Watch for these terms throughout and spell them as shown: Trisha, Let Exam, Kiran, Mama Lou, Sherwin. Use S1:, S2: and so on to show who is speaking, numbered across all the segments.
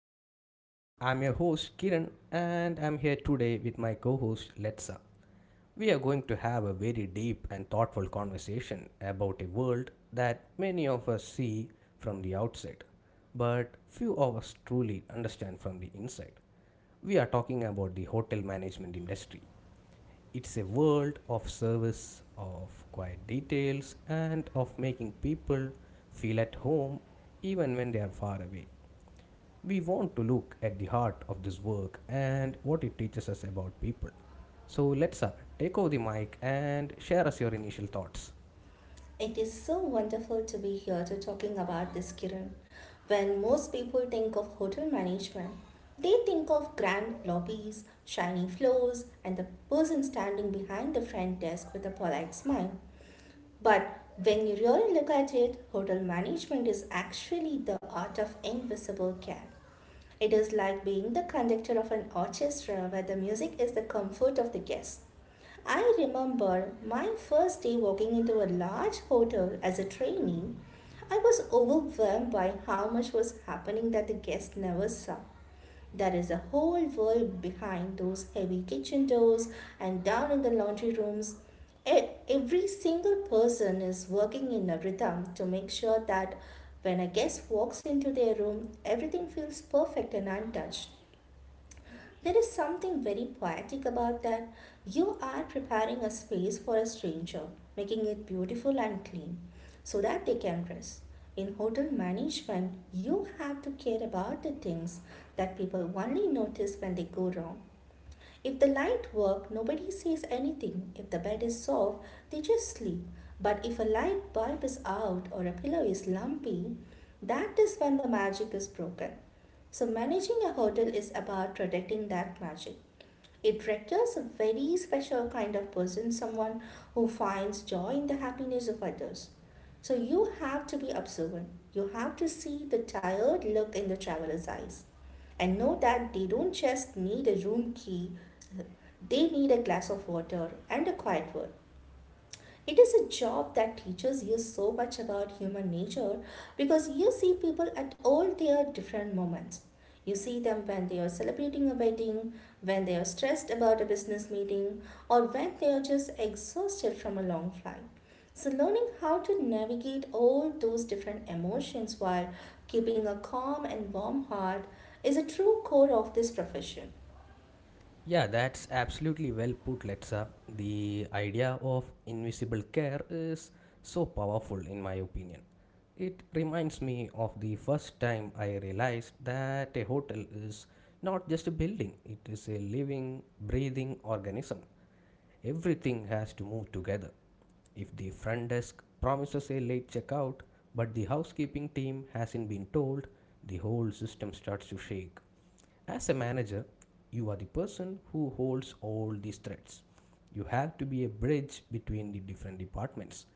S1: everyone. I'm your host, Kiran, and I'm here today with my co host, Letsa. We are going to have a very deep and thoughtful conversation about a world that many of us see from the outside, but few of us truly understand from the inside. We are talking about the hotel management industry. It's a world of service, of quiet details, and of making people feel at home even when they are far away. We want to look at the heart of this work and what it teaches us about people. So let's take over the mic and share us your initial thoughts.
S2: It is so wonderful to be here to talking about this, Kiran. When most people think of hotel management, they think of grand lobbies, shiny floors, and the person standing behind the front desk with a polite smile. But when you really look at it, hotel management is actually the art of invisible care. It is like being the conductor of an orchestra where the music is the comfort of the guests. I remember my first day walking into a large hotel as a trainee. I was overwhelmed by how much was happening that the guests never saw. There is a whole world behind those heavy kitchen doors and down in the laundry rooms. Every single person is working in a rhythm to make sure that when a guest walks into their room, everything feels perfect and untouched. There is something very poetic about that. You are preparing a space for a stranger, making it beautiful and clean so that they can rest. In hotel management, you have to care about the things that people only notice when they go wrong. If the light work, nobody says anything. If the bed is soft, they just sleep. But if a light bulb is out or a pillow is lumpy, that is when the magic is broken. So managing a hotel is about protecting that magic. It requires a very special kind of person, someone who finds joy in the happiness of others. So you have to be observant. You have to see the tired look in the traveler's eyes and know that they don't just need a room key, they need a glass of water and a quiet word. It is a job that teaches you so much about human nature because you see people at all their different moments. You see them when they are celebrating a wedding, when they are stressed about a business meeting, or when they are just exhausted from a long flight. So, learning how to navigate all those different emotions while keeping a calm and warm heart is a true core of this profession.
S1: Yeah, that's absolutely well put, Letsa. The idea of invisible care is so powerful, in my opinion. It reminds me of the first time I realized that a hotel is not just a building, it is a living, breathing organism. Everything has to move together. If the front desk promises a late checkout, but the housekeeping team hasn't been told, the whole system starts to shake. As a manager, you are the person who holds all these threads. You have to be a bridge between the different departments.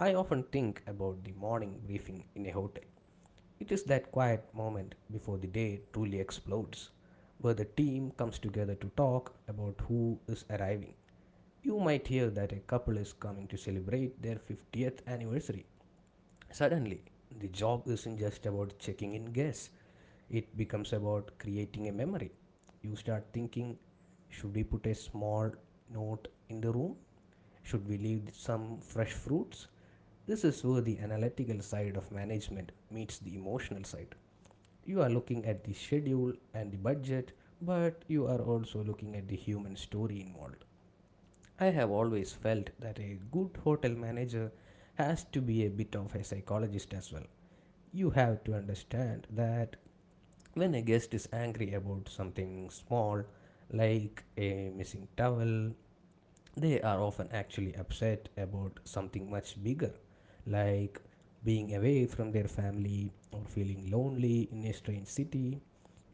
S1: I often think about the morning briefing in a hotel. It is that quiet moment before the day truly explodes, where the team comes together to talk about who is arriving. You might hear that a couple is coming to celebrate their 50th anniversary. Suddenly, the job isn't just about checking in guests, it becomes about creating a memory. You start thinking, should we put a small note in the room? Should we leave some fresh fruits? This is where the analytical side of management meets the emotional side. You are looking at the schedule and the budget, but you are also looking at the human story involved. I have always felt that a good hotel manager has to be a bit of a psychologist as well. You have to understand that when a guest is angry about something small, like a missing towel, they are often actually upset about something much bigger, like being away from their family or feeling lonely in a strange city.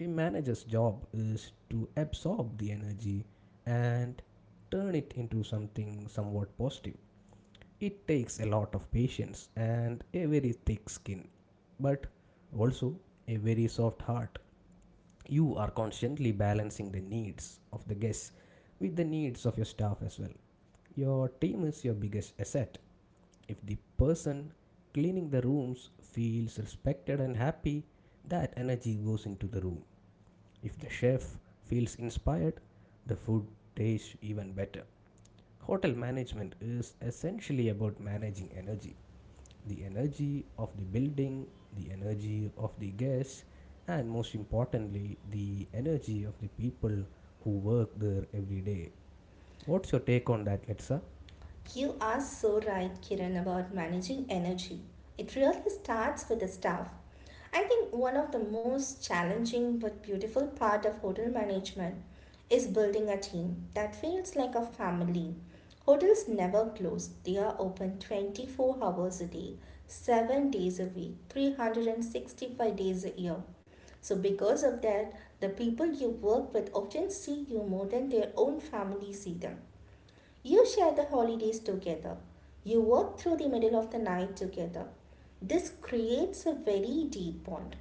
S1: A manager's job is to absorb the energy and turn it into something somewhat positive. It takes a lot of patience and a very thick skin, but also a very soft heart. You are constantly balancing the needs of the guests with the needs of your staff as well. Your team is your biggest asset. If the person cleaning the rooms feels respected and happy, that energy goes into the room. If the chef feels inspired, the food tastes even better. Hotel management is essentially about managing energy, the energy of the building, the energy of the guests, and most importantly, the energy of the people who work there every day. What's your take on that, Letsa?
S2: You are so right, Kiran, about managing energy. It really starts with the staff. I think one of the most challenging but beautiful part of hotel management is building a team that feels like a family. Hotels never close. They are open 24 hours a day, 7 days a week, 365 days a year. So because of that, the people you work with often see you more than their own family see them. You share the holidays together. You work through the middle of the night together. This creates a very deep bond.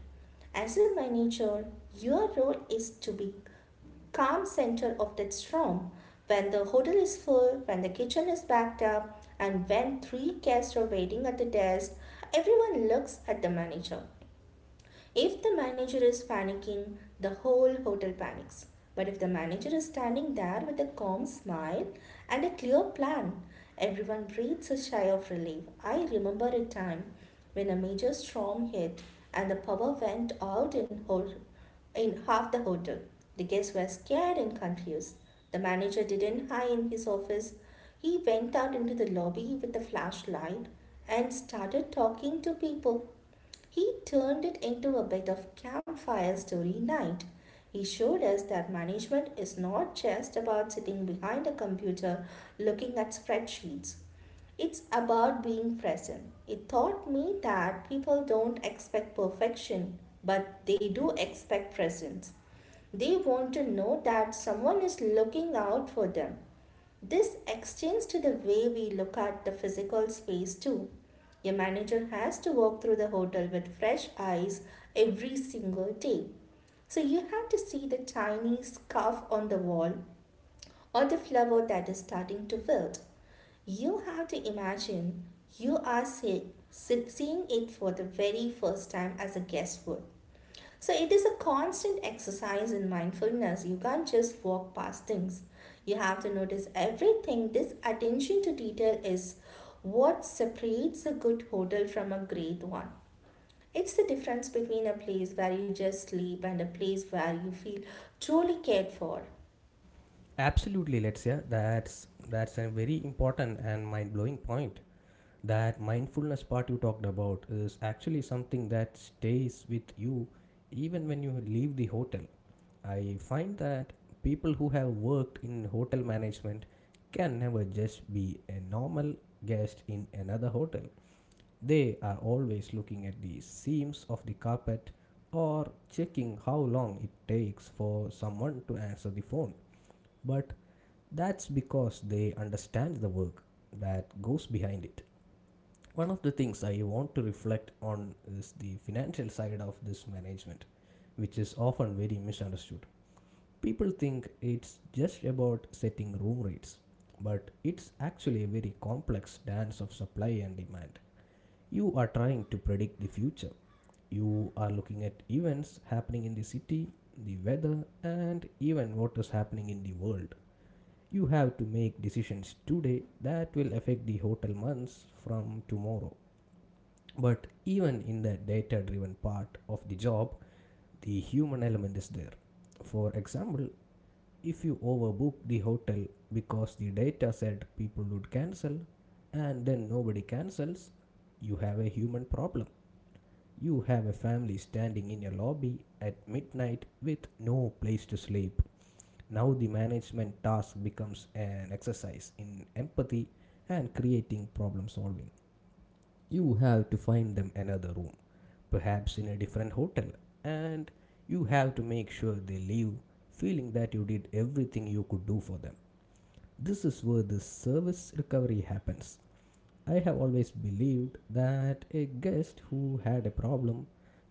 S2: As a manager, your role is to be calm center of that storm. When the hotel is full, when the kitchen is backed up, and when three guests are waiting at the desk, everyone looks at the manager. If the manager is panicking, the whole hotel panics. But if the manager is standing there with a calm smile and a clear plan, everyone breathes a sigh of relief. I remember a time when a major storm hit and the power went out in, in half the hotel. The guests were scared and confused. The manager didn't hide in his office. He went out into the lobby with a flashlight and started talking to people. He turned it into a bit of campfire story night. He showed us that management is not just about sitting behind a computer looking at spreadsheets. It's about being present. It taught me that people don't expect perfection, but they do expect presence. They want to know that someone is looking out for them. This extends to the way we look at the physical space too. Your manager has to walk through the hotel with fresh eyes every single day. So you have to see the tiny scarf on the wall or the flower that is starting to wilt. You have to imagine you are seeing it for the very first time as a guest would. So it is a constant exercise in mindfulness. You can't just walk past things. You have to notice everything. This attention to detail is what separates a good hotel from a great one. It's the difference between a place where you just sleep and a place where you feel truly cared for.
S1: Absolutely, Letsa. That's a very important and mind-blowing point. That mindfulness part you talked about is actually something that stays with you even when you leave the hotel. I find that people who have worked in hotel management can never just be a normal guest in another hotel. They are always looking at the seams of the carpet or checking how long it takes for someone to answer the phone. But that's because they understand the work that goes behind it. One of the things I want to reflect on is the financial side of this management, which is often very misunderstood. People think it's just about setting room rates, but it's actually a very complex dance of supply and demand. You are trying to predict the future. You are looking at events happening in the city, the weather, and even what is happening in the world. You have to make decisions today that will affect the hotel months from tomorrow. But even in the data driven part of the job, the human element is there. For example, if you overbook the hotel because the data said people would cancel and then nobody cancels, you have a human problem. You have a family standing in your lobby at midnight with no place to sleep. Now the management task becomes an exercise in empathy and creating problem solving. You have to find them another room, perhaps in a different hotel, and you have to make sure they leave feeling that you did everything you could do for them. This is where the service recovery happens. I have always believed that a guest who had a problem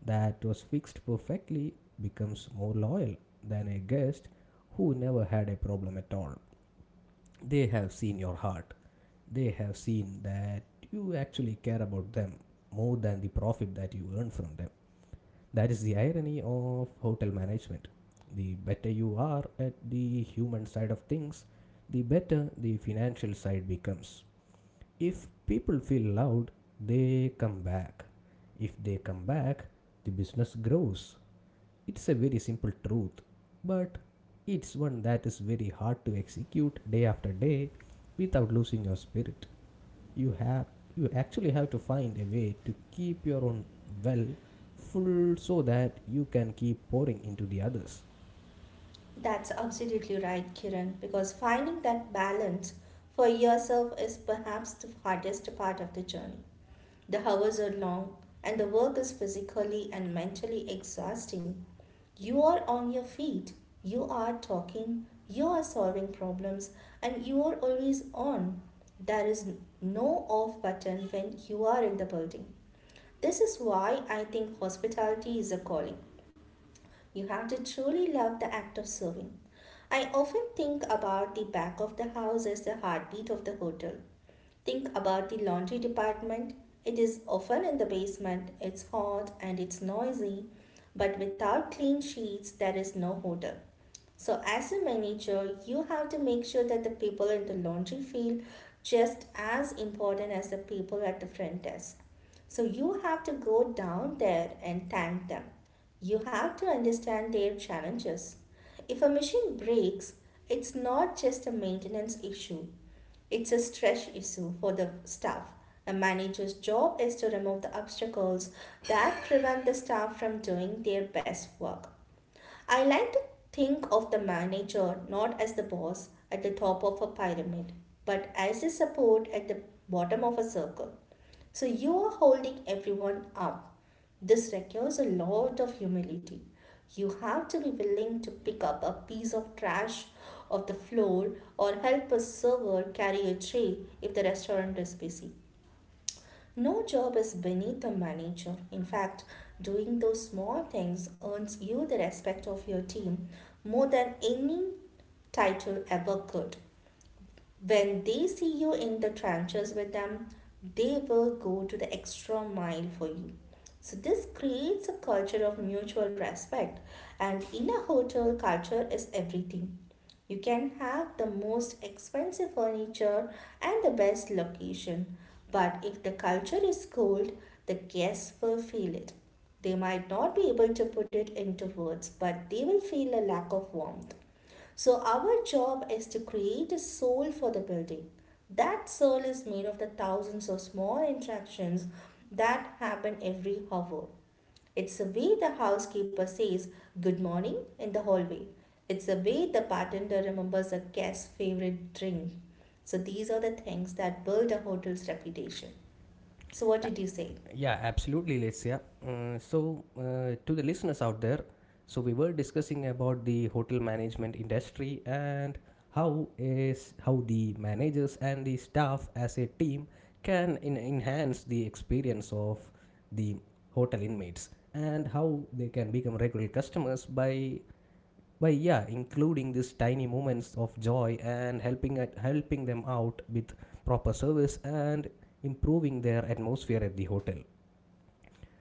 S1: that was fixed perfectly becomes more loyal than a guest who never had a problem at all. They have seen your heart. They have seen that you actually care about them more than the profit that you earn from them. That is the irony of hotel management. The better you are at the human side of things, the better the financial side becomes. If people feel loved, they come back. If they come back, the business grows. It's a very simple truth, but it's one that is very hard to execute day after day without losing your spirit. you have you actually have to find a way to keep your own, well, full so that you can keep pouring into the others.
S2: That's absolutely right, Kiran, because finding that balance for yourself is perhaps the hardest part of the journey. The hours are long and the work is physically and mentally exhausting. You are on your feet, you are talking, you are solving problems, and you are always on. There is no off button when you are in the building. This is why I think hospitality is a calling. You have to truly love the act of serving. I often think about the back of the house as the heartbeat of the hotel. Think about the laundry department. It is often in the basement, it's hot and it's noisy, but without clean sheets, there is no hotel. So, as a manager, you have to make sure that the people in the laundry field just as important as the people at the front desk. So, you have to go down there and thank them. You have to understand their challenges. If a machine breaks, it's not just a maintenance issue, it's a stress issue for the staff. A manager's job is to remove the obstacles that prevent the staff from doing their best work. I like to think of the manager not as the boss at the top of a pyramid, but as the support at the bottom of a circle. So you are holding everyone up. This requires a lot of humility. You have to be willing to pick up a piece of trash off the floor or help a server carry a tray if the restaurant is busy. No job is beneath a manager. In fact, doing those small things earns you the respect of your team more than any title ever could. When they see you in the trenches with them, they will go to the extra mile for you. So, this creates a culture of mutual respect, and in a hotel, culture is everything. You can have the most expensive furniture and the best location, but if the culture is cold, the guests will feel it. They might not be able to put it into words, but they will feel a lack of warmth. So, our job is to create a soul for the building. That soul is made of the thousands of small interactions that happen every hour. It's the way the housekeeper says good morning in the hallway. It's the way the bartender remembers a guest's favorite drink. So, these are the things that build a hotel's reputation. So, what did you say?
S1: Yeah, absolutely, Lesia. So, to the listeners out there, so we were discussing about the hotel management industry and how how the managers and the staff as a team can enhance the experience of the hotel inmates and how they can become regular customers by, yeah, including these tiny moments of joy and helping them out with proper service and improving their atmosphere at the hotel.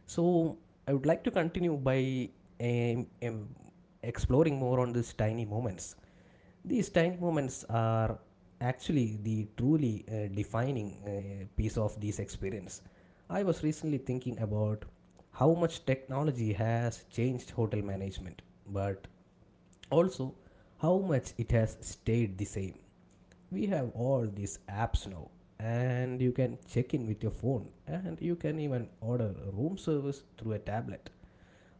S1: So I would like to continue by um, um, exploring more on these tiny moments. These tiny moments are actually the truly defining piece of this experience. I was recently thinking about how much technology has changed hotel management, but also how much it has stayed the same. We have all these apps now, and you can check in with your phone and you can even order room service through a tablet.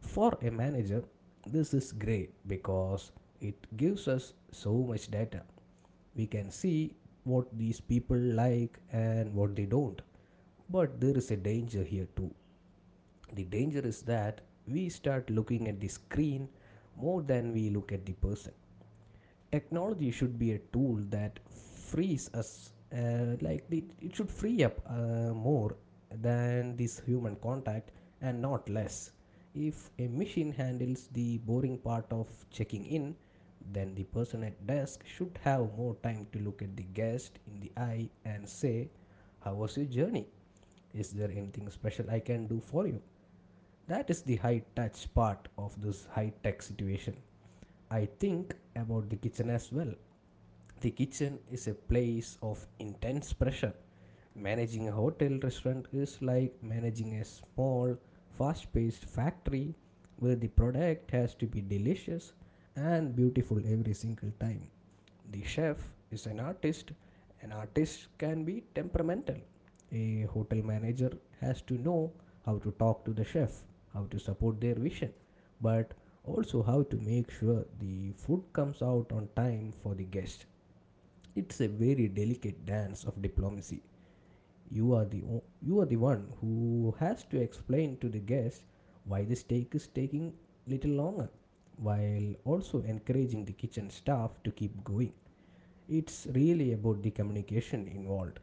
S1: For a manager, this is great because it gives us so much data. We can see what these people like and what they don't. But there is a danger here too. The danger is that we start looking at the screen more than we look at the person. Technology should be a tool that frees us, like it should free up more than this human contact and not less. If a machine handles the boring part of checking in, then the person at desk should have more time to look at the guest in the eye and say, how was your journey? Is there anything special I can do for you? That is the high touch part of this high tech situation. I think about the kitchen as well. The kitchen is a place of intense pressure. Managing a hotel restaurant is like managing a small, fast paced factory where the product has to be delicious and beautiful every single time. The chef is an artist. An artist can be temperamental. A hotel manager has to know how to talk to the chef, how to support their vision, but also how to make sure the food comes out on time for the guest. It's a very delicate dance of diplomacy. You are the one who has to explain to the guest why the steak is taking little longer, while also encouraging the kitchen staff to keep going. It's really about the communication involved.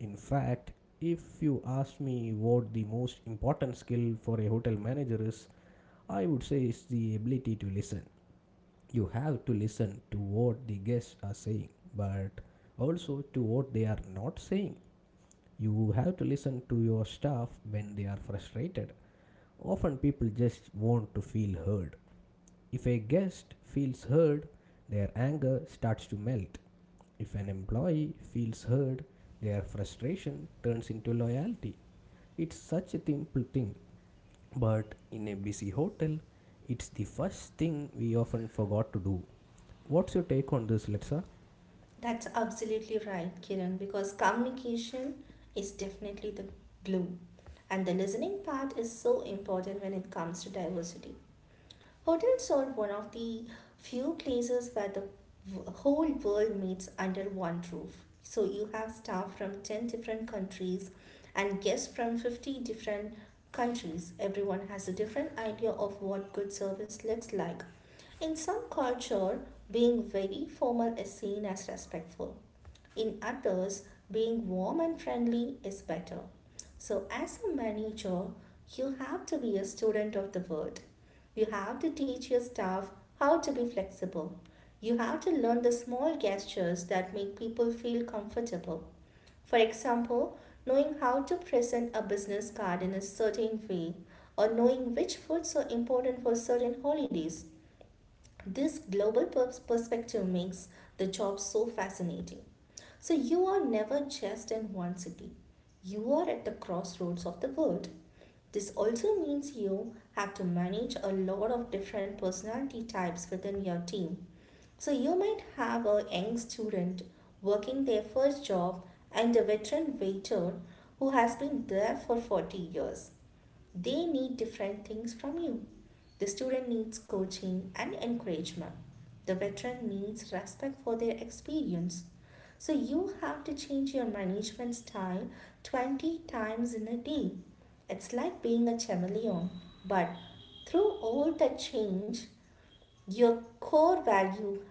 S1: In fact, if you asked me what the most important skill for a hotel manager is, I would say it's the ability to listen. You have to listen to what the guests are saying, but also to what they are not saying. You have to listen to your staff when they are frustrated. Often people just want to feel heard. If a guest feels heard, their anger starts to melt. If an employee feels heard, their frustration turns into loyalty. It's such a simple thing, but in a busy hotel, it's the first thing we often forgot to do. What's your take on this, Letsa?
S2: That's absolutely right, Kiran, because communication is definitely the glue. And the listening part is so important when it comes to diversity. Hotels are one of the few places where the whole world meets under one roof. So you have staff from 10 different countries and guests from 50 different countries. Everyone has a different idea of what good service looks like. In some culture, being very formal is seen as respectful. In others, being warm and friendly is better. So, as a manager, you have to be a student of the world. You have to teach your staff how to be flexible. You have to learn the small gestures that make people feel comfortable. For example, knowing how to present a business card in a certain way or knowing which foods are important for certain holidays. This perspective makes the job so fascinating. So, you are never just in one city. You are at the crossroads of the world. This also means you have to manage a lot of different personality types within your team. So you might have a young student working their first job and a veteran waiter who has been there for 40 years. They need different things from you. The student needs coaching and encouragement. The veteran needs respect for their experience. So you have to change your management style 20 times in a day. It's like being a chameleon, but through all the change, your core value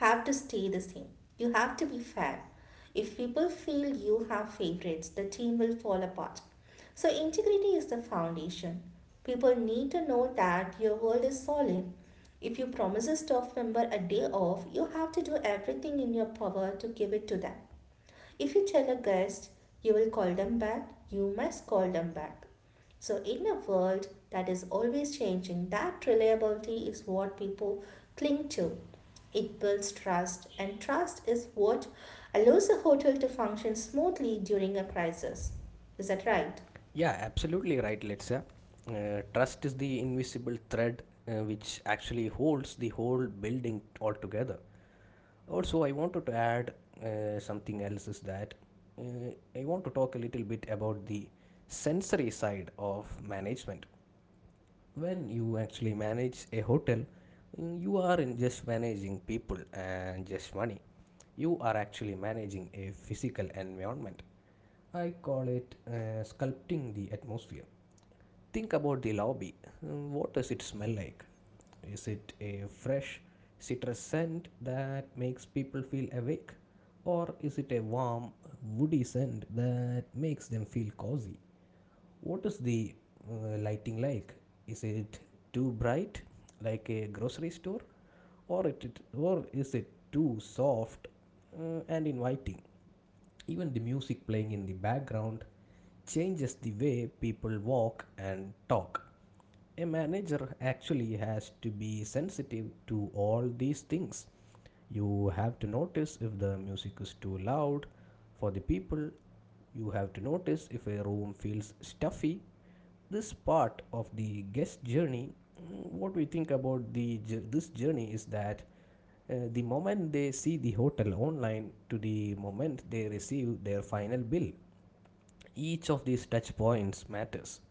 S2: have to stay the same. You have to be fair. If people feel you have favorites, the team will fall apart. So, integrity is the foundation. People need to know that your world is solid. If you promise a staff member a day off, you have to do everything in your power to give it to them. If you tell a guest you will call them back, you must call them back. So, in a world that is always changing, that reliability is what people cling to. It builds trust, and trust is what allows a hotel to function smoothly during a crisis. Is that right?
S1: Yeah, absolutely right, Letsa. Trust is the invisible thread which actually holds the whole building altogether. Also, I wanted to add something else, is that uh, I want to talk a little bit about the sensory side of management. When you actually manage a hotel, you are in just managing people and just money, you are actually managing a physical environment. I call it sculpting the atmosphere. Think about the lobby. What does it smell like? Is it a fresh citrus scent that makes people feel awake? Or is it a warm, woody scent that makes them feel cozy? What is the lighting like? Is it too bright, like a grocery store? Or is it too soft and inviting? Even the music playing in the background changes the way people walk and talk. A manager actually has to be sensitive to all these things. You have to notice if the music is too loud for the people. You have to notice if a room feels stuffy. This part of the guest journey, what we think about the this journey is that the moment they see the hotel online to the moment they receive their final bill, each of these touch points matters.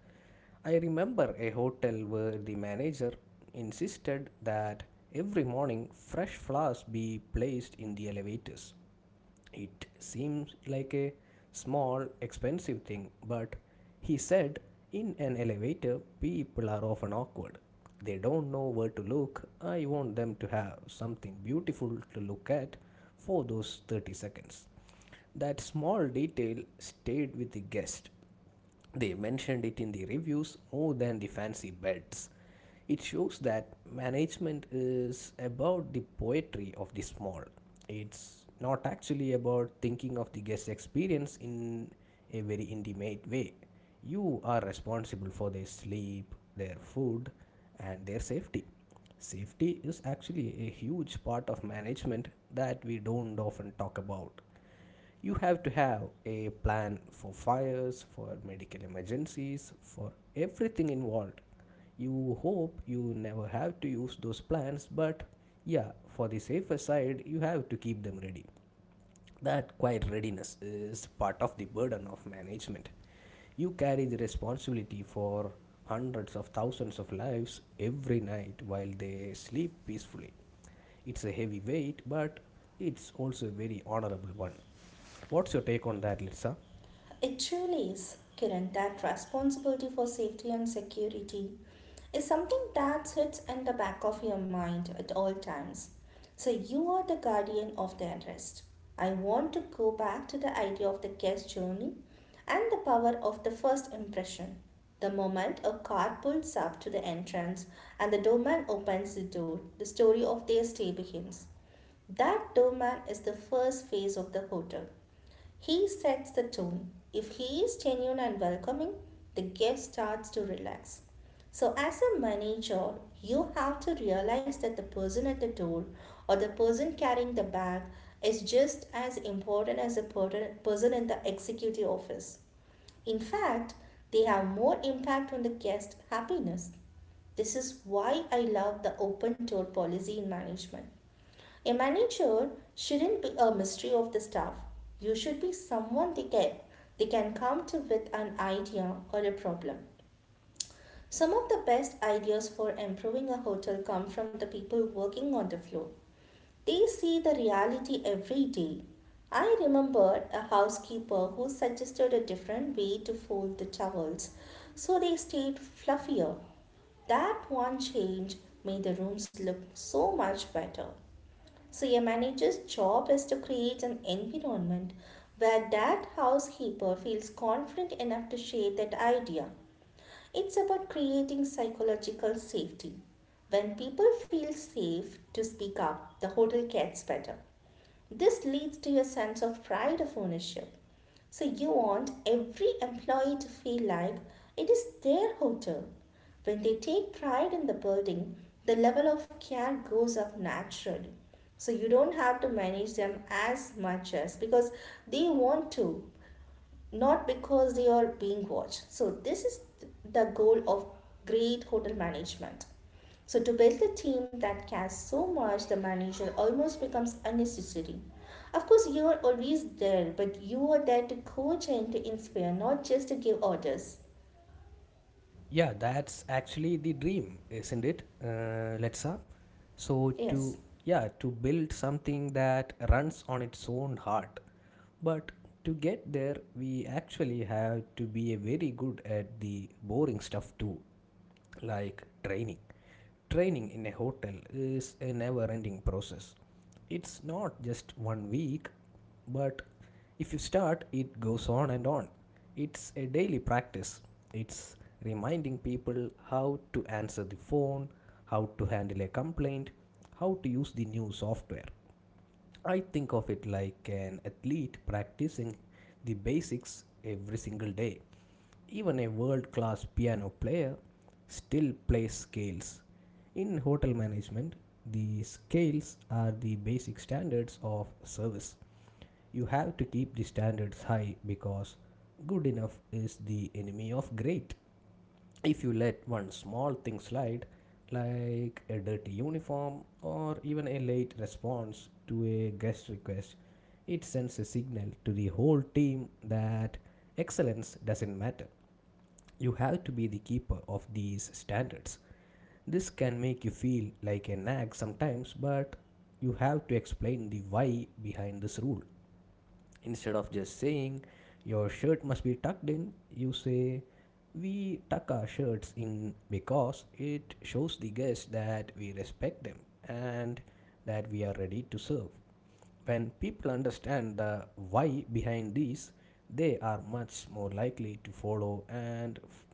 S1: I remember a hotel where the manager insisted that every morning fresh flowers be placed in the elevators. It seems like a small, expensive thing, but he said in an elevator, people are often awkward. They don't know where to look. I want them to have something beautiful to look at for those 30 seconds. That small detail stayed with the guest. They mentioned it in the reviews more than the fancy beds. It shows that management is about the poetry of the small. It's not actually about thinking of the guest experience in a very intimate way. You are responsible for their sleep, their food, and their safety. Safety is actually a huge part of management that we don't often talk about. You have to have a plan for fires, for medical emergencies, for everything involved. You hope you never have to use those plans, but yeah, for the safer side you have to keep them ready. That quiet readiness is part of the burden of management. You carry the responsibility for hundreds of thousands of lives every night while they sleep peacefully. It's a heavy weight, but it's also a very honorable one. What's your take on that, Litsa?
S2: It truly is, Kiran, that responsibility for safety and security is something that sits in the back of your mind at all times. So you are the guardian of their interest. I want to go back to the idea of the guest journey and the power of the first impression. The moment a car pulls up to the entrance and the doorman opens the door, the story of their stay begins. That doorman is the first phase of the hotel. He sets the tone. If he is genuine and welcoming, the guest starts to relax. So, as a manager, you have to realize that the person at the door or the person carrying the bag is just as important as the person in the executive office. In fact, they have more impact on the guest happiness. This is why I love the open door policy in management. A manager shouldn't be a mystery of the staff. You should be someone they can come to with an idea or a problem. Some of the best ideas for improving a hotel come from the people working on the floor. They see the reality every day. I remembered a housekeeper who suggested a different way to fold the towels so they stayed fluffier. That one change made the rooms look so much better. So a manager's job is to create an environment where that housekeeper feels confident enough to share that idea. It's about creating psychological safety. When people feel safe to speak up, the hotel gets better. This leads to your sense of pride of ownership. So you want every employee to feel like it is their hotel. When they take pride in the building, the level of care goes up naturally. So you don't have to manage them as much as because they want to, not because they are being watched. So, this is the goal of great hotel management. So, to build a team that cares so much, the manager almost becomes unnecessary. Of course, you are always there, but you are there to coach and to inspire, not just to give orders.
S1: Yeah, that's actually the dream, isn't it, Letsa? So
S2: Yes,
S1: to yeah, to build something that runs on its own heart. But to get there, we actually have to be very good at the boring stuff too, like training. Training in a hotel is a never ending process. It's not just 1 week, but if you start, it goes on and on. It's a daily practice. It's reminding people how to answer the phone, how to handle a complaint, how to use the new software. I think of it like an athlete practicing the basics every single day. Even a world class piano player still plays scales. In hotel management, the scales are the basic standards of service. You have to keep the standards high because good enough is the enemy of great. If you let one small thing slide, like a dirty uniform or even a late response to a guest request, it sends a signal to the whole team that excellence doesn't matter. You have to be the keeper of these standards. This can make you feel like a nag sometimes, but you have to explain the why behind this rule. Instead of just saying your shirt must be tucked in, you say we tuck our shirts in because it shows the guest that we respect them and that we are ready to serve. When people understand the why behind these, they are much more likely to follow and f-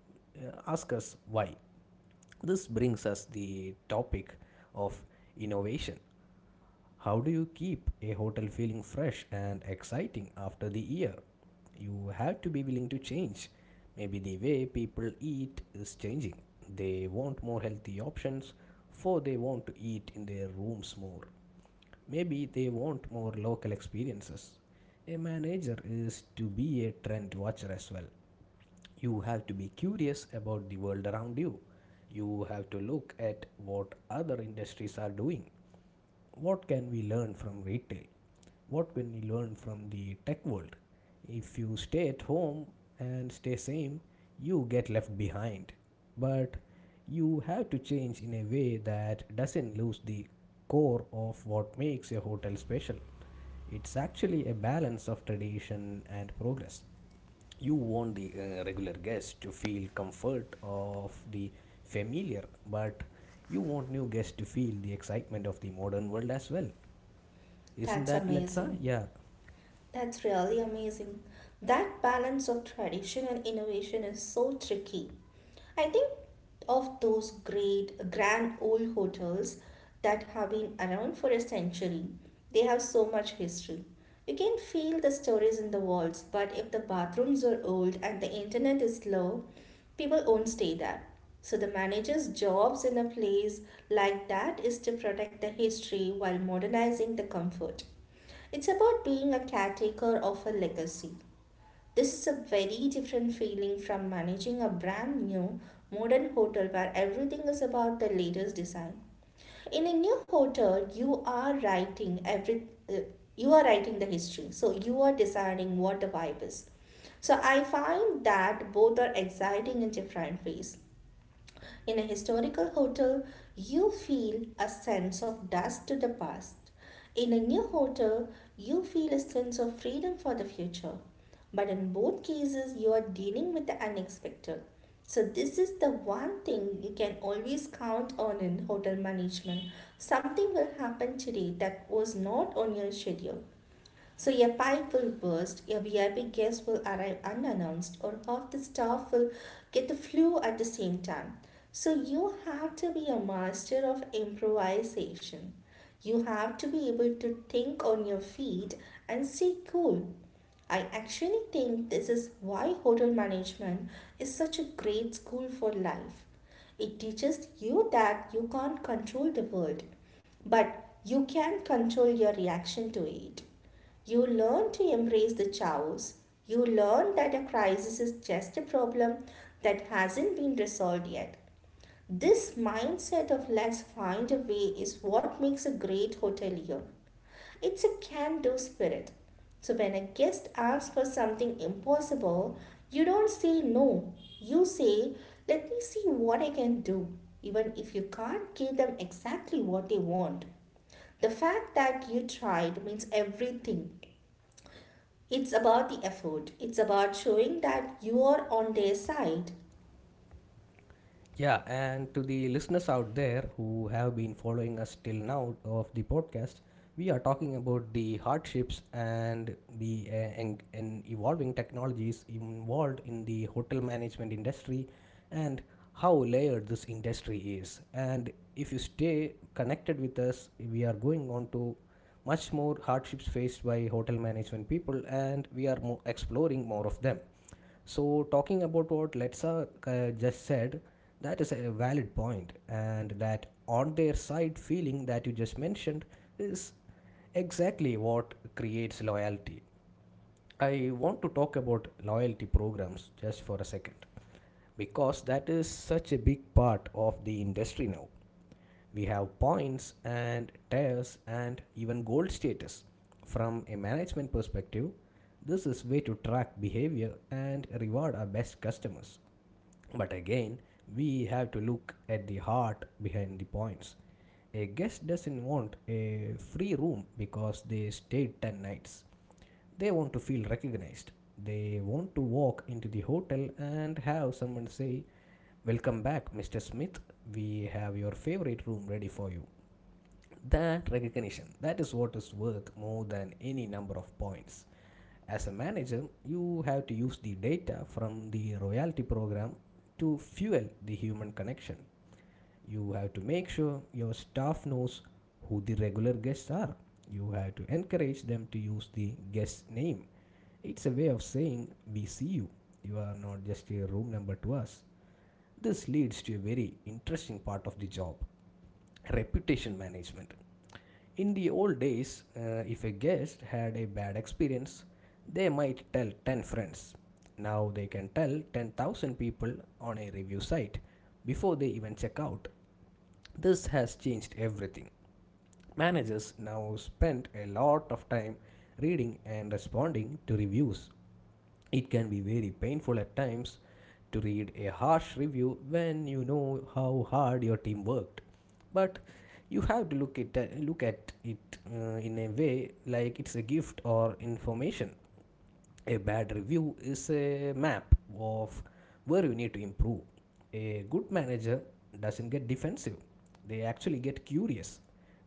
S1: uh, ask us why. This brings us the topic of innovation. How do you keep a hotel feeling fresh and exciting after the year? You have to be willing to change. Maybe the way people eat is changing. They want more healthy options, for they want to eat in their rooms more. Maybe they want more local experiences. A manager is to be a trend watcher as well. You have to be curious about the world around you. You have to look at what other industries are doing. What can we learn from retail? What can we learn from the tech world? If you stay at home and stay same, you get left behind. But you have to change in a way that doesn't lose the core of what makes your hotel special. It's actually a balance of tradition and progress. You want the regular guest to feel comfort of the familiar, but you want new guests to feel the excitement of the modern world as well. Isn't
S2: that's
S1: that, let's say?
S2: amazing.
S1: Yeah.
S2: That's really amazing. That balance of tradition and innovation is so tricky. I think of those great, grand old hotels that have been around for a century. They have so much history. You can feel the stories in the walls, but if the bathrooms are old and the internet is slow, people won't stay there. So the manager's jobs in a place like that is to protect the history while modernizing the comfort. It's about being a caretaker of a legacy. This is a very different feeling from managing a brand new modern hotel where everything is about the latest design. In a new hotel, you are writing every uh, you are writing the history. So you are deciding what the vibe is. So I find that both are exciting in different ways. In a historical hotel, you feel a sense of dust to the past. In a new hotel, you feel a sense of freedom for the future. But in both cases, you are dealing with the unexpected. So, this is the one thing you can always count on in hotel management. Something will happen today that was not on your schedule. So your pipe will burst, your VIP guest will arrive unannounced, or half the staff will get the flu at the same time. So you have to be a master of improvisation. You have to be able to think on your feet and stay cool. I actually think this is why hotel management is such a great school for life. It teaches you that you can't control the world, but you can control your reaction to it. You learn to embrace the chaos. You learn that a crisis is just a problem that hasn't been resolved yet. This mindset of let's find a way is what makes a great hotelier. It's a can do spirit. So when a guest asks for something impossible, you don't say no. You say, let me see what I can do, even if you can't give them exactly what they want. The fact that you tried means everything. It's about the effort. It's about showing that you are on their side.
S1: Yeah, and to the listeners out there who have been following us till now of the podcast, we are talking about the hardships and the and evolving technologies involved in the hotel management industry and how layered this industry is. And if you stay connected with us, we are going on to much more hardships faced by hotel management people, and we are exploring more of them. So, talking about what Letsa just said, that is a valid point, and that on their side feeling that you just mentioned is exactly what creates loyalty. I want to talk about loyalty programs just for a second because that is such a big part of the industry now. We have points and tiers and even gold status. From a management perspective, this is way to track behavior and reward our best customers. But again, we have to look at the heart behind the points. A guest doesn't want a free room because they stayed 10 nights. They want to feel recognized. They want to walk into the hotel and have someone say, "Welcome back, Mr. Smith. We have your favorite room ready for you." That recognition, that is what is worth more than any number of points. As a manager, you have to use the data from the loyalty program to fuel the human connection. You have to make sure your staff knows who the regular guests are. You have to encourage them to use the guest name. It's a way of saying, "We see you. You are not just a room number to us." This leads to a very interesting part of the job: reputation management. In the old days, if a guest had a bad experience, they might tell 10 friends. Now they can tell 10,000 people on a review site before they even check out. This has changed everything. Managers now spend a lot of time reading and responding to reviews. It can be very painful at times to read a harsh review when you know how hard your team worked. But you have to look at it in a way like it's a gift or information. A bad review is a map of where you need to improve. A good manager doesn't get defensive, they actually get curious.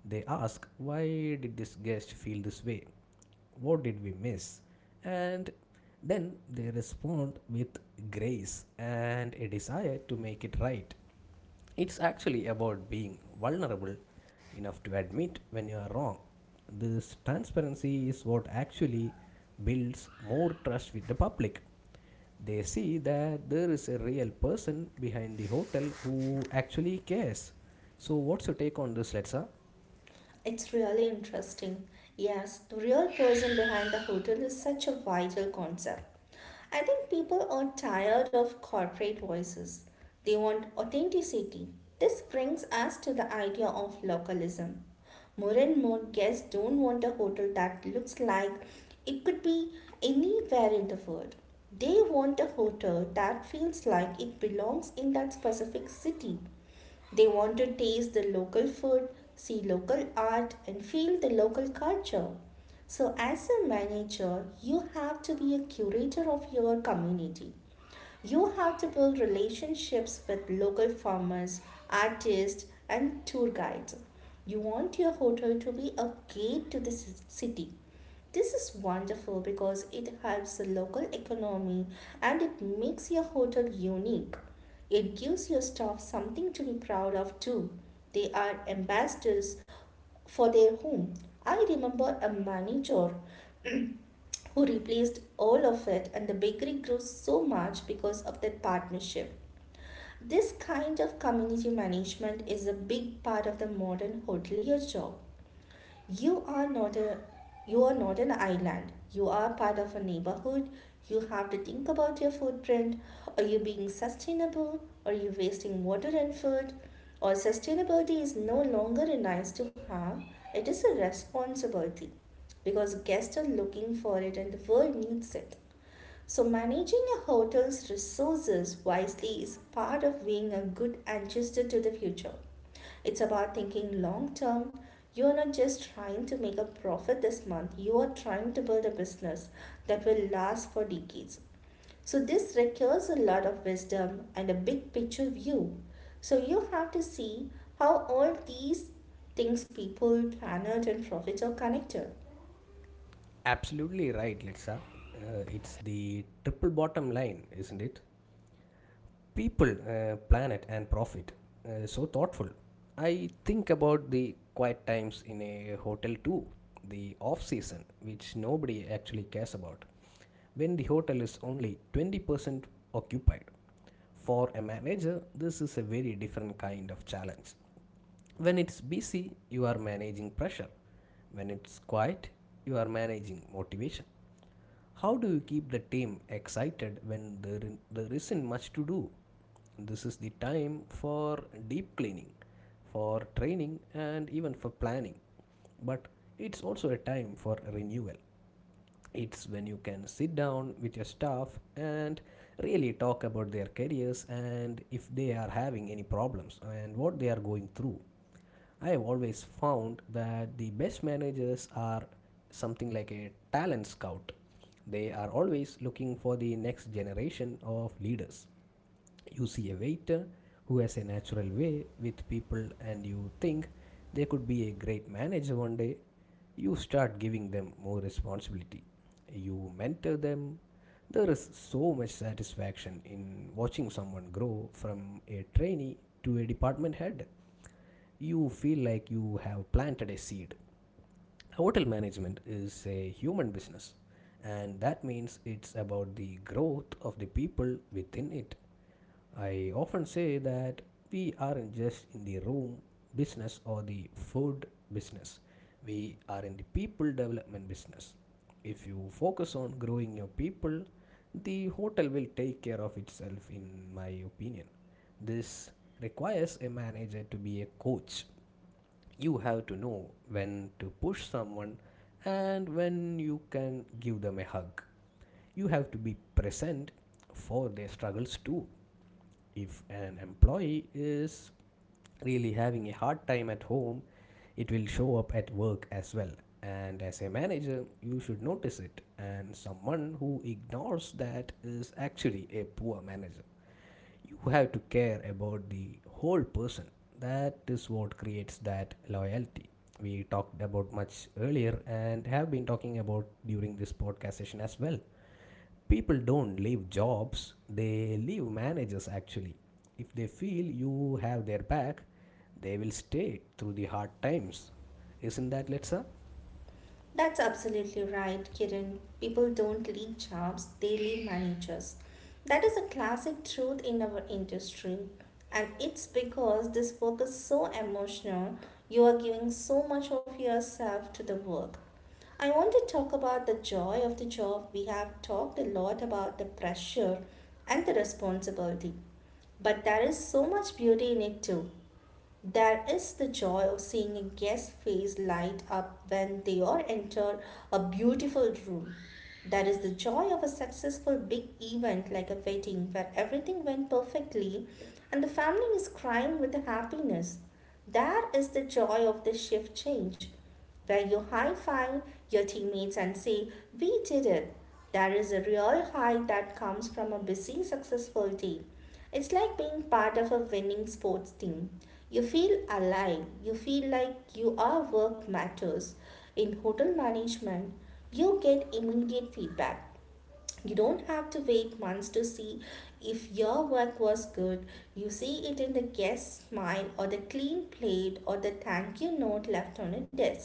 S1: They ask, why did this guest feel this way? What did we miss? And then they respond with grace and a desire to make it right. It's actually about being vulnerable enough to admit when you are wrong. This transparency is what actually builds more trust with the public. They see that there is a real person behind the hotel who actually cares. So, what's your take on this, Letsa?
S2: It's really interesting. Yes, the real person behind the hotel is such a vital concept. I think people are tired of corporate voices. They want authenticity. This brings us to the idea of localism. More and more guests don't want a hotel that looks like it could be anywhere in the world. They want a hotel that feels like it belongs in that specific city. They want to taste the local food, see local art, and feel the local culture. So, as a manager, you have to be a curator of your community. You have to build relationships with local farmers, artists, and tour guides. You want your hotel to be a gate to the city. This is wonderful because it helps the local economy and it makes your hotel unique. It gives your staff something to be proud of too. They are ambassadors for their home. I remember a manager who replaced all of it and the bakery grew so much because of that partnership. This kind of community management is a big part of the modern hotelier job. You are not a you are not an island. You are part of a neighborhood. You have to think about your footprint. Are you being sustainable? Are you wasting water and food? Or sustainability is no longer a nice to have, it is a responsibility, because guests are looking for it and the world needs it. So, managing a hotel's resources wisely is part of being a good ancestor to the future. It's about thinking long term. You're not just trying to make a profit this month, you are trying to build a business that will last for decades. So, this requires a lot of wisdom and a big picture view. So, you have to see how all these things, people, planet, and profit, are connected.
S1: Absolutely right, Letsa. It's the triple bottom line, isn't it? People, planet, and profit. So thoughtful. I think about the quiet times in a hotel too, the off season, which nobody actually cares about, when the hotel is only 20% occupied. For a manager, this is a very different kind of challenge. When it's busy, you are managing pressure. When it's quiet, you are managing motivation. How do you keep the team excited when there isn't much to do? This is the time for deep cleaning, for training, and even for planning. But it's also a time for renewal. It's when you can sit down with your staff and really talk about their careers and if they are having any problems and what they are going through. I have always found that the best managers are something like a talent scout. They are always looking for the next generation of leaders. You see a waiter who has a natural way with people, and you think they could be a great manager one day. You start giving them more responsibility. You mentor them. There is so much satisfaction in watching someone grow from a trainee to a department head. You feel like you have planted a seed. Hotel management is a human business, and that means it's about the growth of the people within it. I often say that we aren't just in the room business or the food business, we are in the people development business. If you focus on growing your people, the hotel will take care of itself, in my opinion. This requires a manager to be a coach. You have to know when to push someone and when you can give them a hug. You have to be present for their struggles too. If an employee is really having a hard time at home, it will show up at work as well. And as a manager, you should notice it. And someone who ignores that is actually a poor manager. You have to care about the whole person. That is what creates that loyalty we talked about much earlier and have been talking about during this podcast session as well. People don't leave jobs, they leave managers actually. If they feel you have their back, they will stay through the hard times. Isn't that, Letsa?
S2: That's absolutely right, Kiran. People don't leave jobs, they leave managers. That is a classic truth in our industry. And it's because this work is so emotional, you are giving so much of yourself to the work. I want to talk about the joy of the job. We have talked a lot about the pressure and the responsibility. But there is so much beauty in it too. That is the joy of seeing a guest's face light up when they or enter a beautiful room. That is the joy of a successful big event like a wedding where everything went perfectly and the family is crying with happiness. That is the joy of the shift change, where you high five your teammates and say, we did it. There is a real high that comes from a busy, successful team. It's like being part of a winning sports team. You feel alive, you feel like your work matters. In hotel management, you get immediate feedback. You don't have to wait months to see if your work was good. You see it in the guest's smile or the clean plate or the thank you note left on a desk.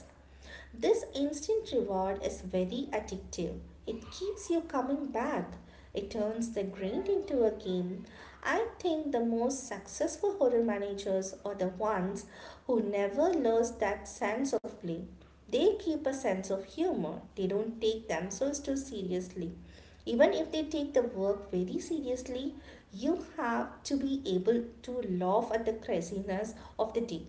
S2: This instant reward is very addictive. It keeps you coming back. It turns the grind into a game. I think the most successful hotel managers are the ones who never lose that sense of play. They keep a sense of humor. They don't take themselves too seriously. Even if they take the work very seriously, you have to be able to laugh at the craziness of the day.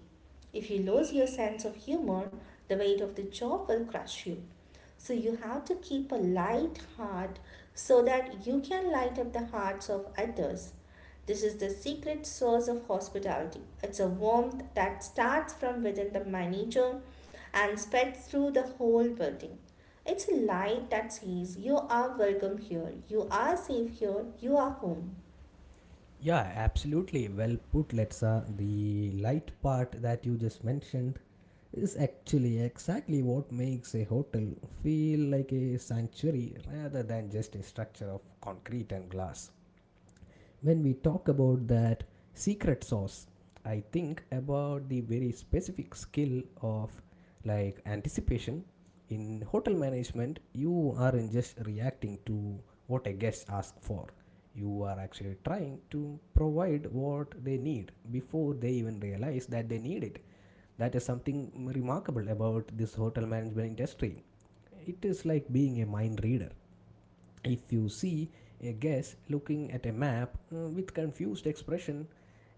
S2: If you lose your sense of humor, the weight of the job will crush you. So you have to keep a light heart so that you can light up the hearts of others. This is the secret source of hospitality. It's a warmth that starts from within the manager and spreads through the whole building. It's a light that says, you are welcome here, you are safe here, you are home.
S1: Yeah, absolutely. Well put, Letsa. The light part that you just mentioned is actually exactly what makes a hotel feel like a sanctuary rather than just a structure of concrete and glass. When we talk about that secret sauce, I think about the very specific skill of like anticipation. In hotel management, you aren't just reacting to what a guest asks for, you are actually trying to provide what they need before they even realize that they need it. That is something remarkable about this hotel management industry. It is like being a mind reader. If you see a guest looking at a map with confused expression,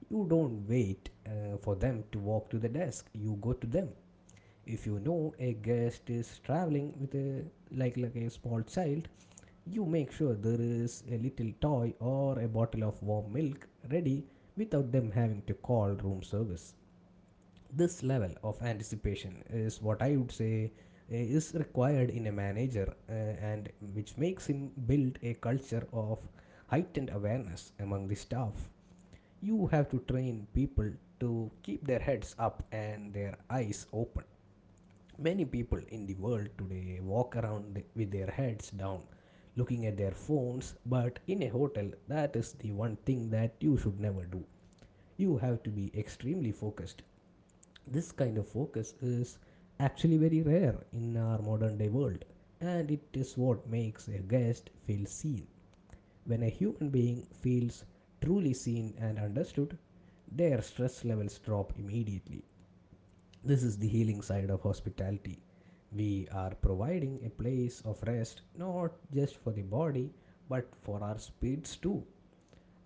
S1: you don't wait for them to walk to the desk. You go to them. If you know a guest is traveling with a like a small child, you make sure there is a little toy or a bottle of warm milk ready without them having to call room service. This level of anticipation is what I would say is required in a manager and which makes him build a culture of heightened awareness among the staff. You have to train people to keep their heads up and their eyes open. Many people in the world today walk around with their heads down, looking at their phones, but in a hotel, that is the one thing that you should never do. You have to be extremely focused. This kind of focus is actually very rare in our modern day world, and it is what makes a guest feel seen. When a human being feels truly seen and understood, their stress levels drop immediately. This is the healing side of hospitality. We are providing a place of rest not just for the body but for our spirits too.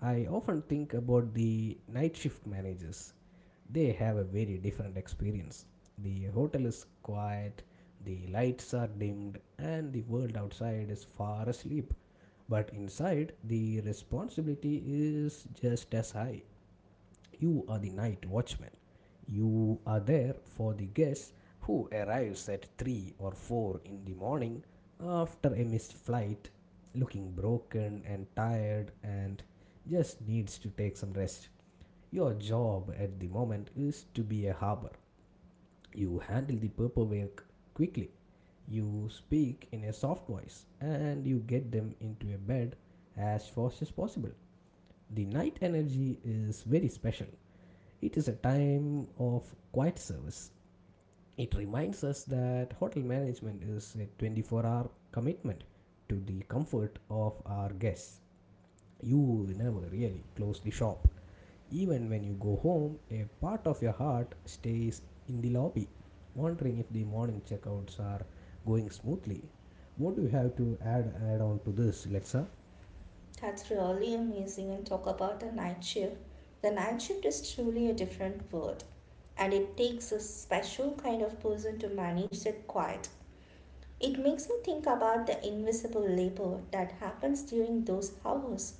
S1: I often think about the night shift managers. They have a very different experience. The hotel is quiet, the lights are dimmed, and the world outside is far asleep. But inside, the responsibility is just as high. You are the night watchman. You are there for the guest who arrives at 3 or 4 in the morning after a missed flight, looking broken and tired and just needs to take some rest. Your job at the moment is to be a harbor. You handle the paperwork quickly. You speak in a soft voice and you get them into a bed as fast as possible. The night energy is very special. It is a time of quiet service. It reminds us that hotel management is a 24-hour hour commitment to the comfort of our guests. You never really close the shop. Even when you go home, a part of your heart stays in the lobby, wondering if the morning checkouts are going smoothly. What do you have to add on to this, Letsa?
S2: That's really amazing. And talk about the night shift. The night shift is truly a different world, and it takes a special kind of person to manage that quiet. It makes me think about the invisible labor that happens during those hours.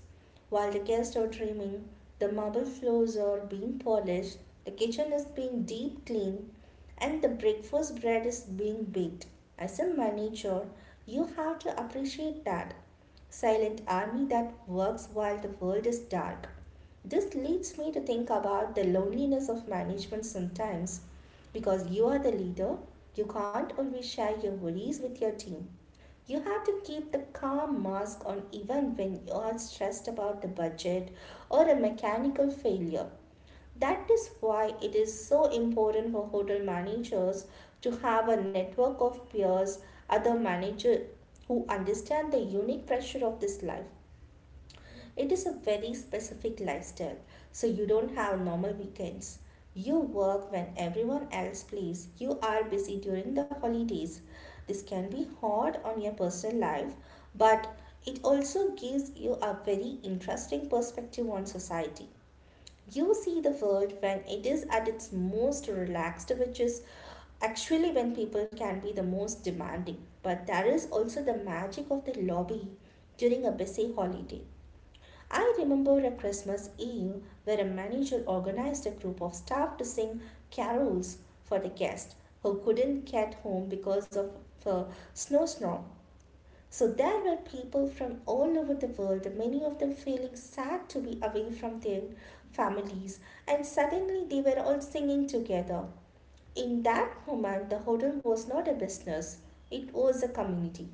S2: While the guests are dreaming, the marble floors are being polished, the kitchen is being deep cleaned, and the breakfast bread is being baked. As a manager, you have to appreciate that silent army that works while the world is dark. This leads me to think about the loneliness of management sometimes. Because you are the leader, you can't always share your worries with your team. You have to keep the calm mask on even when you are stressed about the budget or a mechanical failure. That is why it is so important for hotel managers to have a network of peers, other managers who understand the unique pressure of this life. It is a very specific lifestyle, so you don't have normal weekends. You work when everyone else plays. You are busy during the holidays. This can be hard on your personal life, but it also gives you a very interesting perspective on society. You see the world when it is at its most relaxed, which is actually when people can be the most demanding. But there is also the magic of the lobby during a busy holiday. I remember a Christmas Eve where a manager organized a group of staff to sing carols for the guests who couldn't get home because of a snowstorm. So there were people from all over the world, many of them feeling sad to be away from their families, and suddenly they were all singing together. In that moment, the hotel was not a business, it was a community.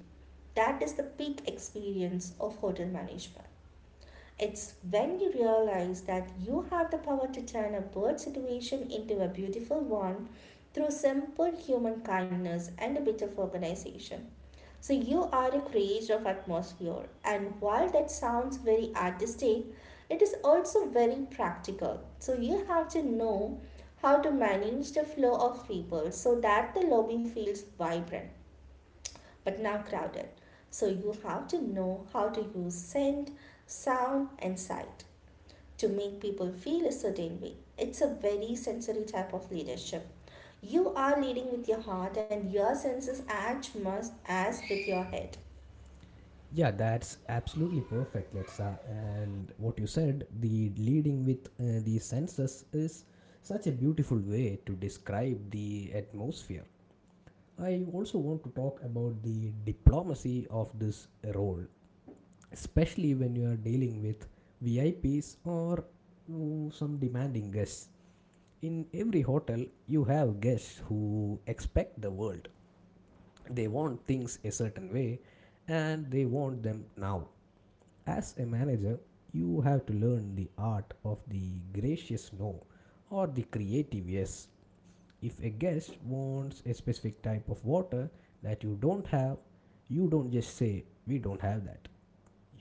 S2: That is the peak experience of hotel management. It's when you realize that you have the power to turn a bad situation into a beautiful one through simple human kindness and a bit of organization. So you are a creator of atmosphere, and while that sounds very artistic, it is also very practical. So you have to know how to manage the flow of people so that the lobby feels vibrant but now crowded. So you have to know how to use scent, sound, and sight to make people feel a certain way. It's a very sensory type of leadership. You are leading with your heart and your senses as much as with your head.
S1: Yeah, that's absolutely perfect, Letsa. And what you said, the leading with the senses is such a beautiful way to describe the atmosphere. I also want to talk about the diplomacy of this role, especially when you are dealing with VIPs or some demanding guests. In every hotel, you have guests who expect the world. They want things a certain way and they want them now. As a manager, you have to learn the art of the gracious no or the creative yes. If a guest wants a specific type of water that you don't have, you don't just say, "We don't have that."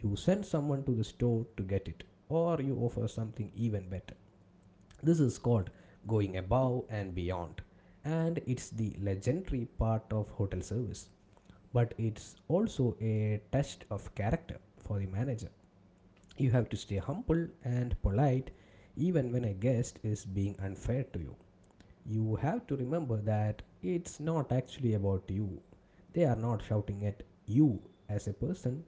S1: You send someone to the store to get it, or you offer something even better. This is called going above and beyond, and it's the legendary part of hotel service. But it's also a test of character for the manager. You have to stay humble and polite even when a guest is being unfair to you. You have to remember that it's not actually about you. They are not shouting at you as a person,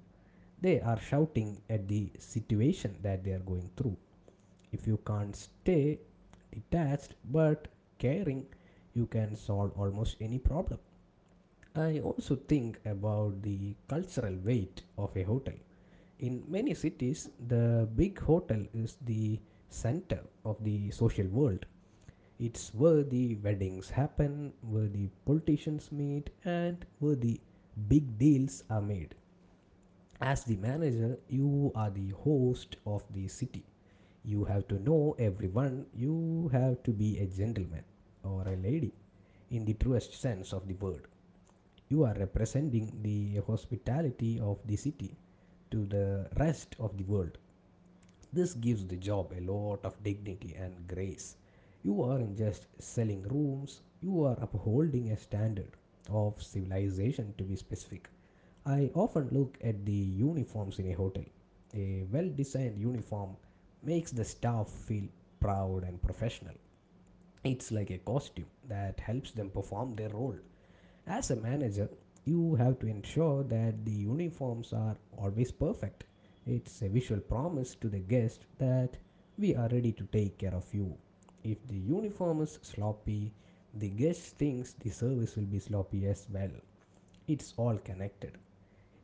S1: they are shouting at the situation that they are going through. If you can't stay detached but caring, you can solve almost any problem. I also think about the cultural weight of a hotel. In many cities, the big hotel is the center of the social world. It's where the weddings happen, where the politicians meet, and where the big deals are made. As the manager, you are the host of the city. You have to know everyone, you have to be a gentleman or a lady in the truest sense of the word. You are representing the hospitality of the city to the rest of the world. This gives the job a lot of dignity and grace. You aren't just selling rooms, you are upholding a standard of civilization to be specific. I often look at the uniforms in a hotel. A well designed uniform makes the staff feel proud and professional. It's like a costume that helps them perform their role. As a manager, you have to ensure that the uniforms are always perfect. It's a visual promise to the guest that we are ready to take care of you. If the uniform is sloppy, the guest thinks the service will be sloppy as well. It's all connected.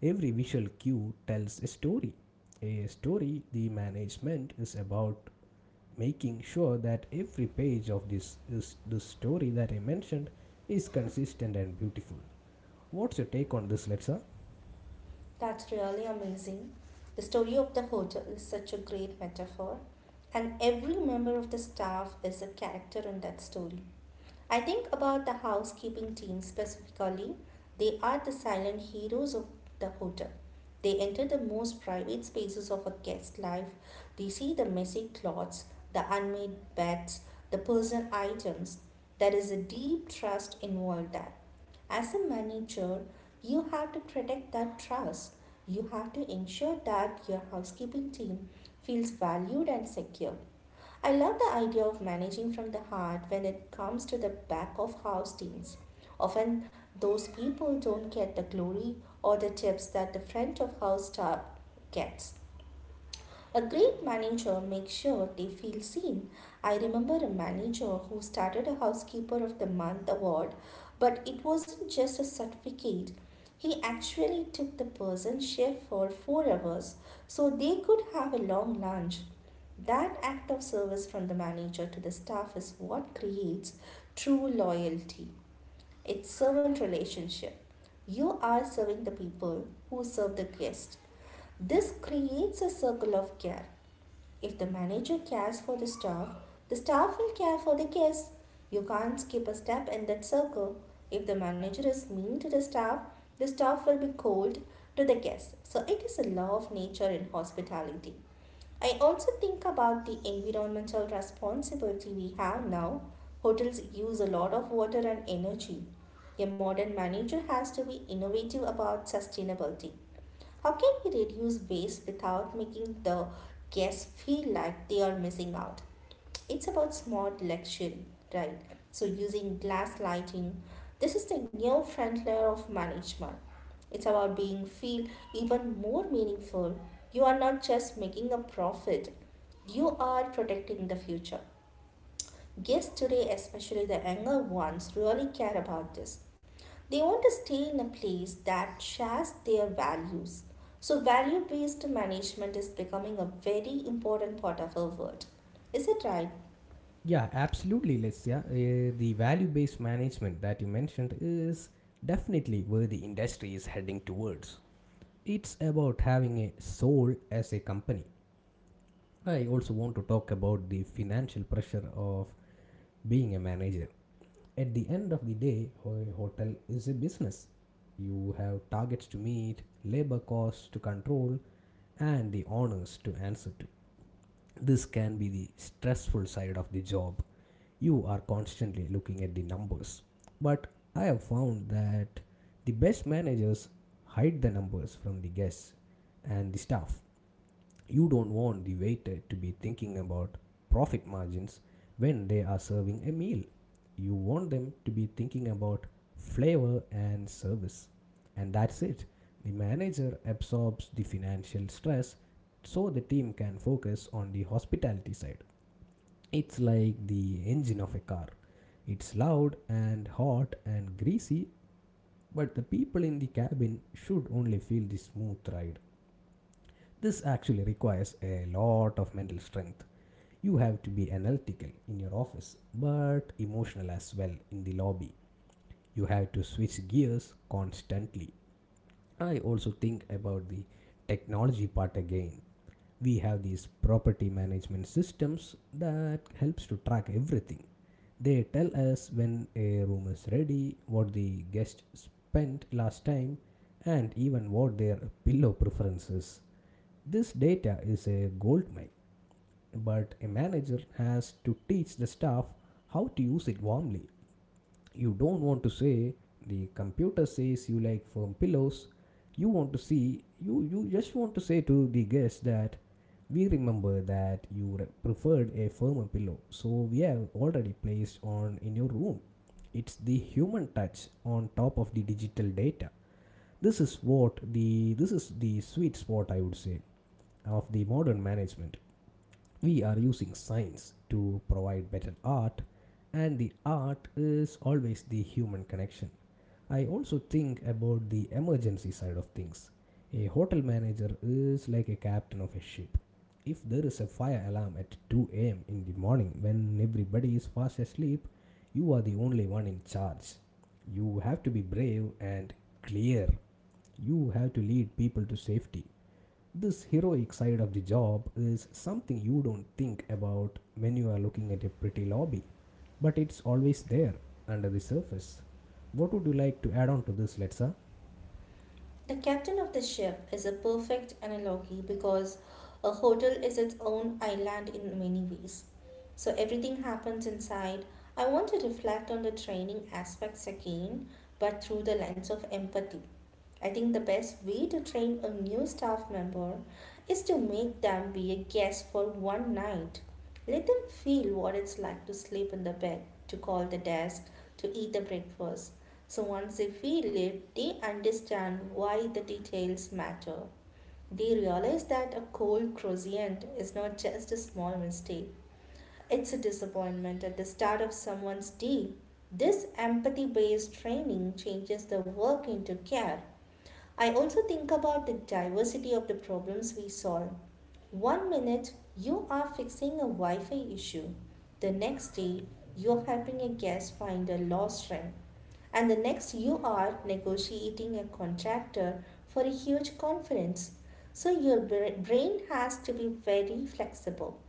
S1: Every visual cue tells a story. A story the management is about making sure that every page of this is the story that I mentioned is consistent and beautiful. What's your take on this, Letsa?
S2: That's really amazing. The story of the hotel is such a great metaphor, and every member of the staff is a character in that story. I think about the housekeeping team specifically. They are the silent heroes of the hotel. They enter the most private spaces of a guest life. They see the messy clothes, the unmade beds, the personal items. There is a deep trust involved there. As a manager, you have to protect that trust. You have to ensure that your housekeeping team feels valued and secure. I love the idea of managing from the heart when it comes to the back of house teams. Often, those people don't get the glory or the tips that the front of house staff gets. A great manager makes sure they feel seen. I remember a manager who started a Housekeeper of the Month award, but it wasn't just a certificate. He actually took the person shift for 4 hours so they could have a long lunch. That act of service from the manager to the staff is what creates true loyalty. It's servant relationship. You are serving the people who serve the guest. This creates a circle of care. If the manager cares for the staff will care for the guests. You can't skip a step in that circle. If the manager is mean to the staff will be cold to the guest. So it is a law of nature in hospitality. I also think about the environmental responsibility we have now. Hotels use a lot of water and energy. A modern manager has to be innovative about sustainability. How can we reduce waste without making the guests feel like they are missing out? It's about smart selection, right? So using glass lighting, this is the new front layer of management. It's about being feel even more meaningful. You are not just making a profit, you are protecting the future. Guests today, especially the younger ones, really care about this. They want to stay in a place that shares their values. So, value based management is becoming a very important part of our world. Is it right?
S1: Yeah, absolutely, Letsa. The value based management that you mentioned is definitely where the industry is heading towards. It's about having a soul as a company. I also want to talk about the financial pressure of being a manager. At the end of the day, a hotel is a business. You have targets to meet, labor costs to control, and the honors to answer to. This can be the stressful side of the job. You are constantly looking at the numbers. But I have found that the best managers hide the numbers from the guests and the staff. You don't want the waiter to be thinking about profit margins when they are serving a meal. You want them to be thinking about flavor and service. And that's it. The manager absorbs the financial stress so the team can focus on the hospitality side. It's like the engine of a car. It's loud and hot and greasy, but the people in the cabin should only feel the smooth ride. This actually requires a lot of mental strength. You have to be analytical in your office, but emotional as well in the lobby. You have to switch gears constantly. I also think about the technology part again. We have these property management systems that helps to track everything. They tell us when a room is ready, what the guest spent last time, and even what their pillow preference is. This data is a goldmine, but a manager has to teach the staff how to use it warmly. You don't want to say the computer says you like firm pillows. You want to see you just want to say to the guest that we remember that you preferred a firmer pillow, so we have already placed on in your room. It's the human touch on top of the digital data. This is the sweet spot I would say of the modern management. We are using science to provide better art, and the art is always the human connection. I also think about the emergency side of things. A hotel manager is like a captain of a ship. If there is a fire alarm at 2 a.m. in the morning when everybody is fast asleep, you are the only one in charge. You have to be brave and clear. You have to lead people to safety. This heroic side of the job is something you don't think about when you are looking at a pretty lobby, but it's always there under the surface. What would you like to add on to this, Letsa?
S2: The captain of the ship is a perfect analogy because a hotel is its own island in many ways. So, everything happens inside. I want to reflect on the training aspects again, but through the lens of empathy. I think the best way to train a new staff member is to make them be a guest for one night. Let them feel what it's like to sleep in the bed, to call the desk, to eat the breakfast. So once they feel it, they understand why the details matter. They realize that a cold croissant is not just a small mistake. It's a disappointment at the start of someone's day. This empathy based training changes the work into care. I also think about the diversity of the problems we solve. One minute you are fixing a Wi Fi issue, the next day you are helping a guest find a lost ring, and the next you are negotiating a contractor for a huge conference. So your brain has to be very flexible.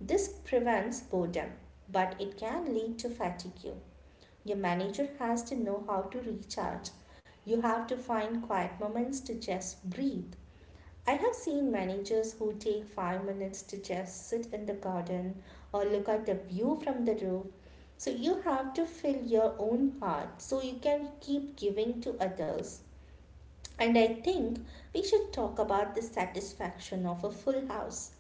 S2: This prevents boredom, but it can lead to fatigue. Your manager has to know how to recharge. You have to find quiet moments to just breathe. I have seen managers who take 5 minutes to just sit in the garden or look at the view from the roof. So you have to fill your own heart so you can keep giving to others. And I think we should talk about the satisfaction of a full house.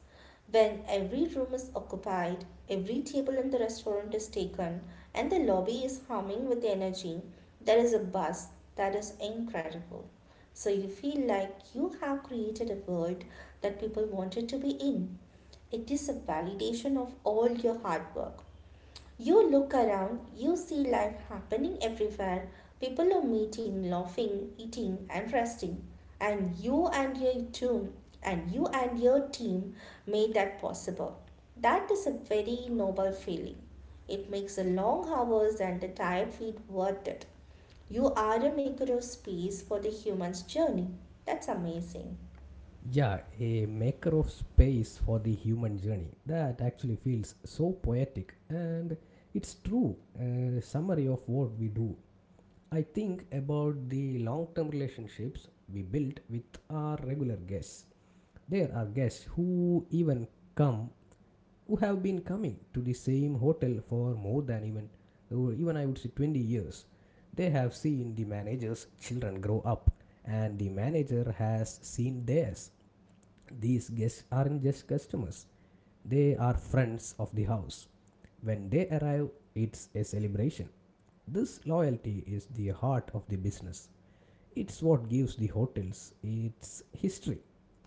S2: When every room is occupied, every table in the restaurant is taken, and the lobby is humming with energy, there is a buzz that is incredible. So you feel like you have created a world that people wanted to be in. It is a validation of all your hard work. You look around, you see life happening everywhere. People are meeting, laughing, eating, and resting. And you and your team, and you and your team made that possible. That is a very noble feeling. It makes the long hours and the tired feet worth it. You are a maker of space for the human's journey. That's amazing.
S1: Yeah, a maker of space for the human journey. That actually feels so poetic, and it's true. A summary of what we do. I think about the long term relationships we build with our regular guests. There are guests who even come who have been coming to the same hotel for more than even or even I would say 20 years. They have seen the manager's children grow up and the manager has seen theirs. These guests aren't just customers, they are friends of the house. When they arrive, it's a celebration. This loyalty is the heart of the business. It's what gives the hotels its history.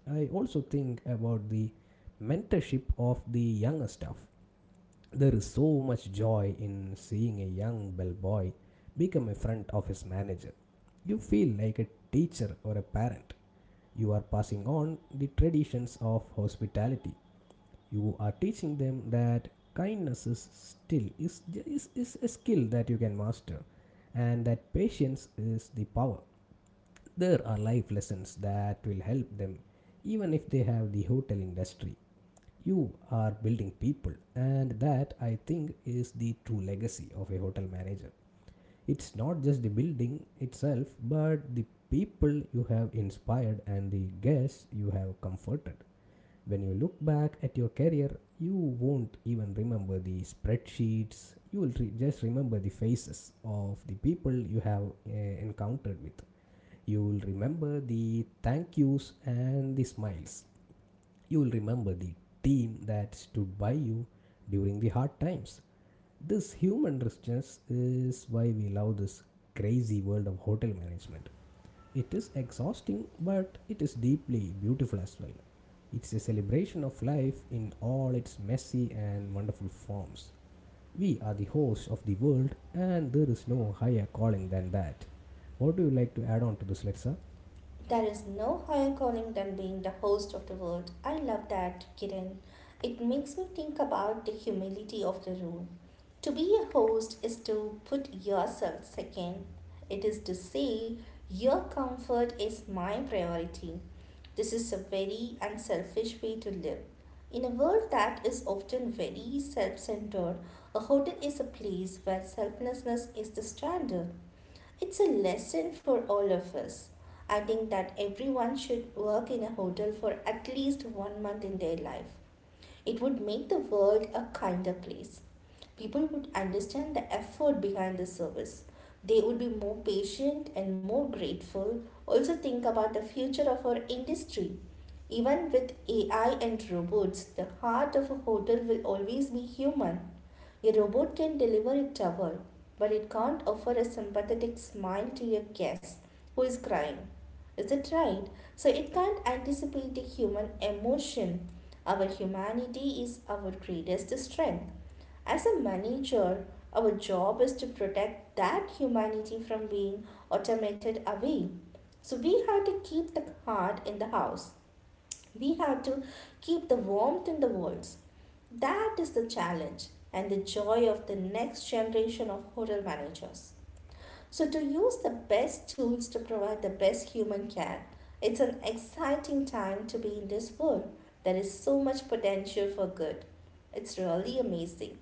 S1: I also think about the mentorship of the younger staff. There is so much joy in seeing a young bellboy become a friend of his manager. You feel like a teacher or a parent. You are passing on the traditions of hospitality. You are teaching them that kindness is still is a skill that you can master and that patience is the power. There are life lessons that will help them even if they have the hotel industry. You are building people, and that I think is the true legacy of a hotel manager. It's not just the building itself, but the people you have inspired and the guests you have comforted. When you look back at your career, you won't even remember the spreadsheets, you will just remember the faces of the people you have encountered with. You will remember the thank yous and the smiles. You will remember the team that stood by you during the hard times. This human richness is why we love this crazy world of hotel management. It is exhausting, but it is deeply beautiful as well. It's a celebration of life in all its messy and wonderful forms. We are the hosts of the world, and there is no higher calling than that. What do you like to add on to this, Letsa?
S2: There is no higher calling than being the host of the world. I love that, Kiran. It makes me think about the humility of the role. To be a host is to put yourself second. It is to say, your comfort is my priority. This is a very unselfish way to live. In a world that is often very self centered, a hotel is a place where selflessness is the standard. It's a lesson for all of us. I think that everyone should work in a hotel for at least one month in their life. It would make the world a kinder place. People would understand the effort behind the service. They would be more patient and more grateful. Also, think about the future of our industry. Even with AI and robots, the heart of a hotel will always be human. A robot can deliver a towel, but it can't offer a sympathetic smile to your guest who is crying. Is it right? So it can't anticipate the human emotion. Our humanity is our greatest strength. As a manager, our job is to protect that humanity from being automated away. So we have to keep the heart in the house. We have to keep the warmth in the walls. That is the challenge and the joy of the next generation of hotel managers. So, to use the best tools to provide the best human care, it's an exciting time to be in this world. There is so much potential for good. It's really amazing.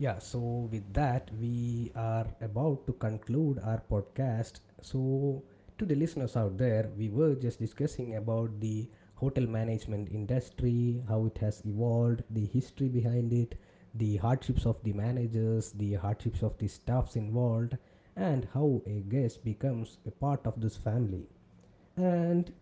S1: Yeah, so with that, we are about to conclude our podcast. So, to the listeners out there, we were just discussing about the hotel management industry, how it has evolved, the history behind it, the hardships of the managers, the hardships of the staffs involved, and how a guest becomes a part of this family. And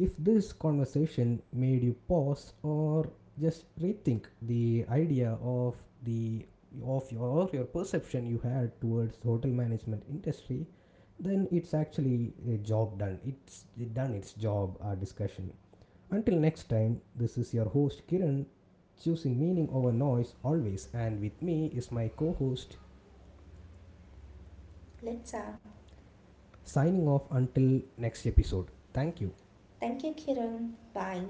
S1: if this conversation made you pause or just rethink the idea of the of your or your perception you had towards hotel management industry, then it's actually a job done. It's it done its job. Our discussion. Until next time, this is your host Kiran, choosing meaning over noise always, and with me is my co-host.
S2: Let's out.
S1: Signing off until next episode. Thank you.
S2: Thank you, Kiran. Bye.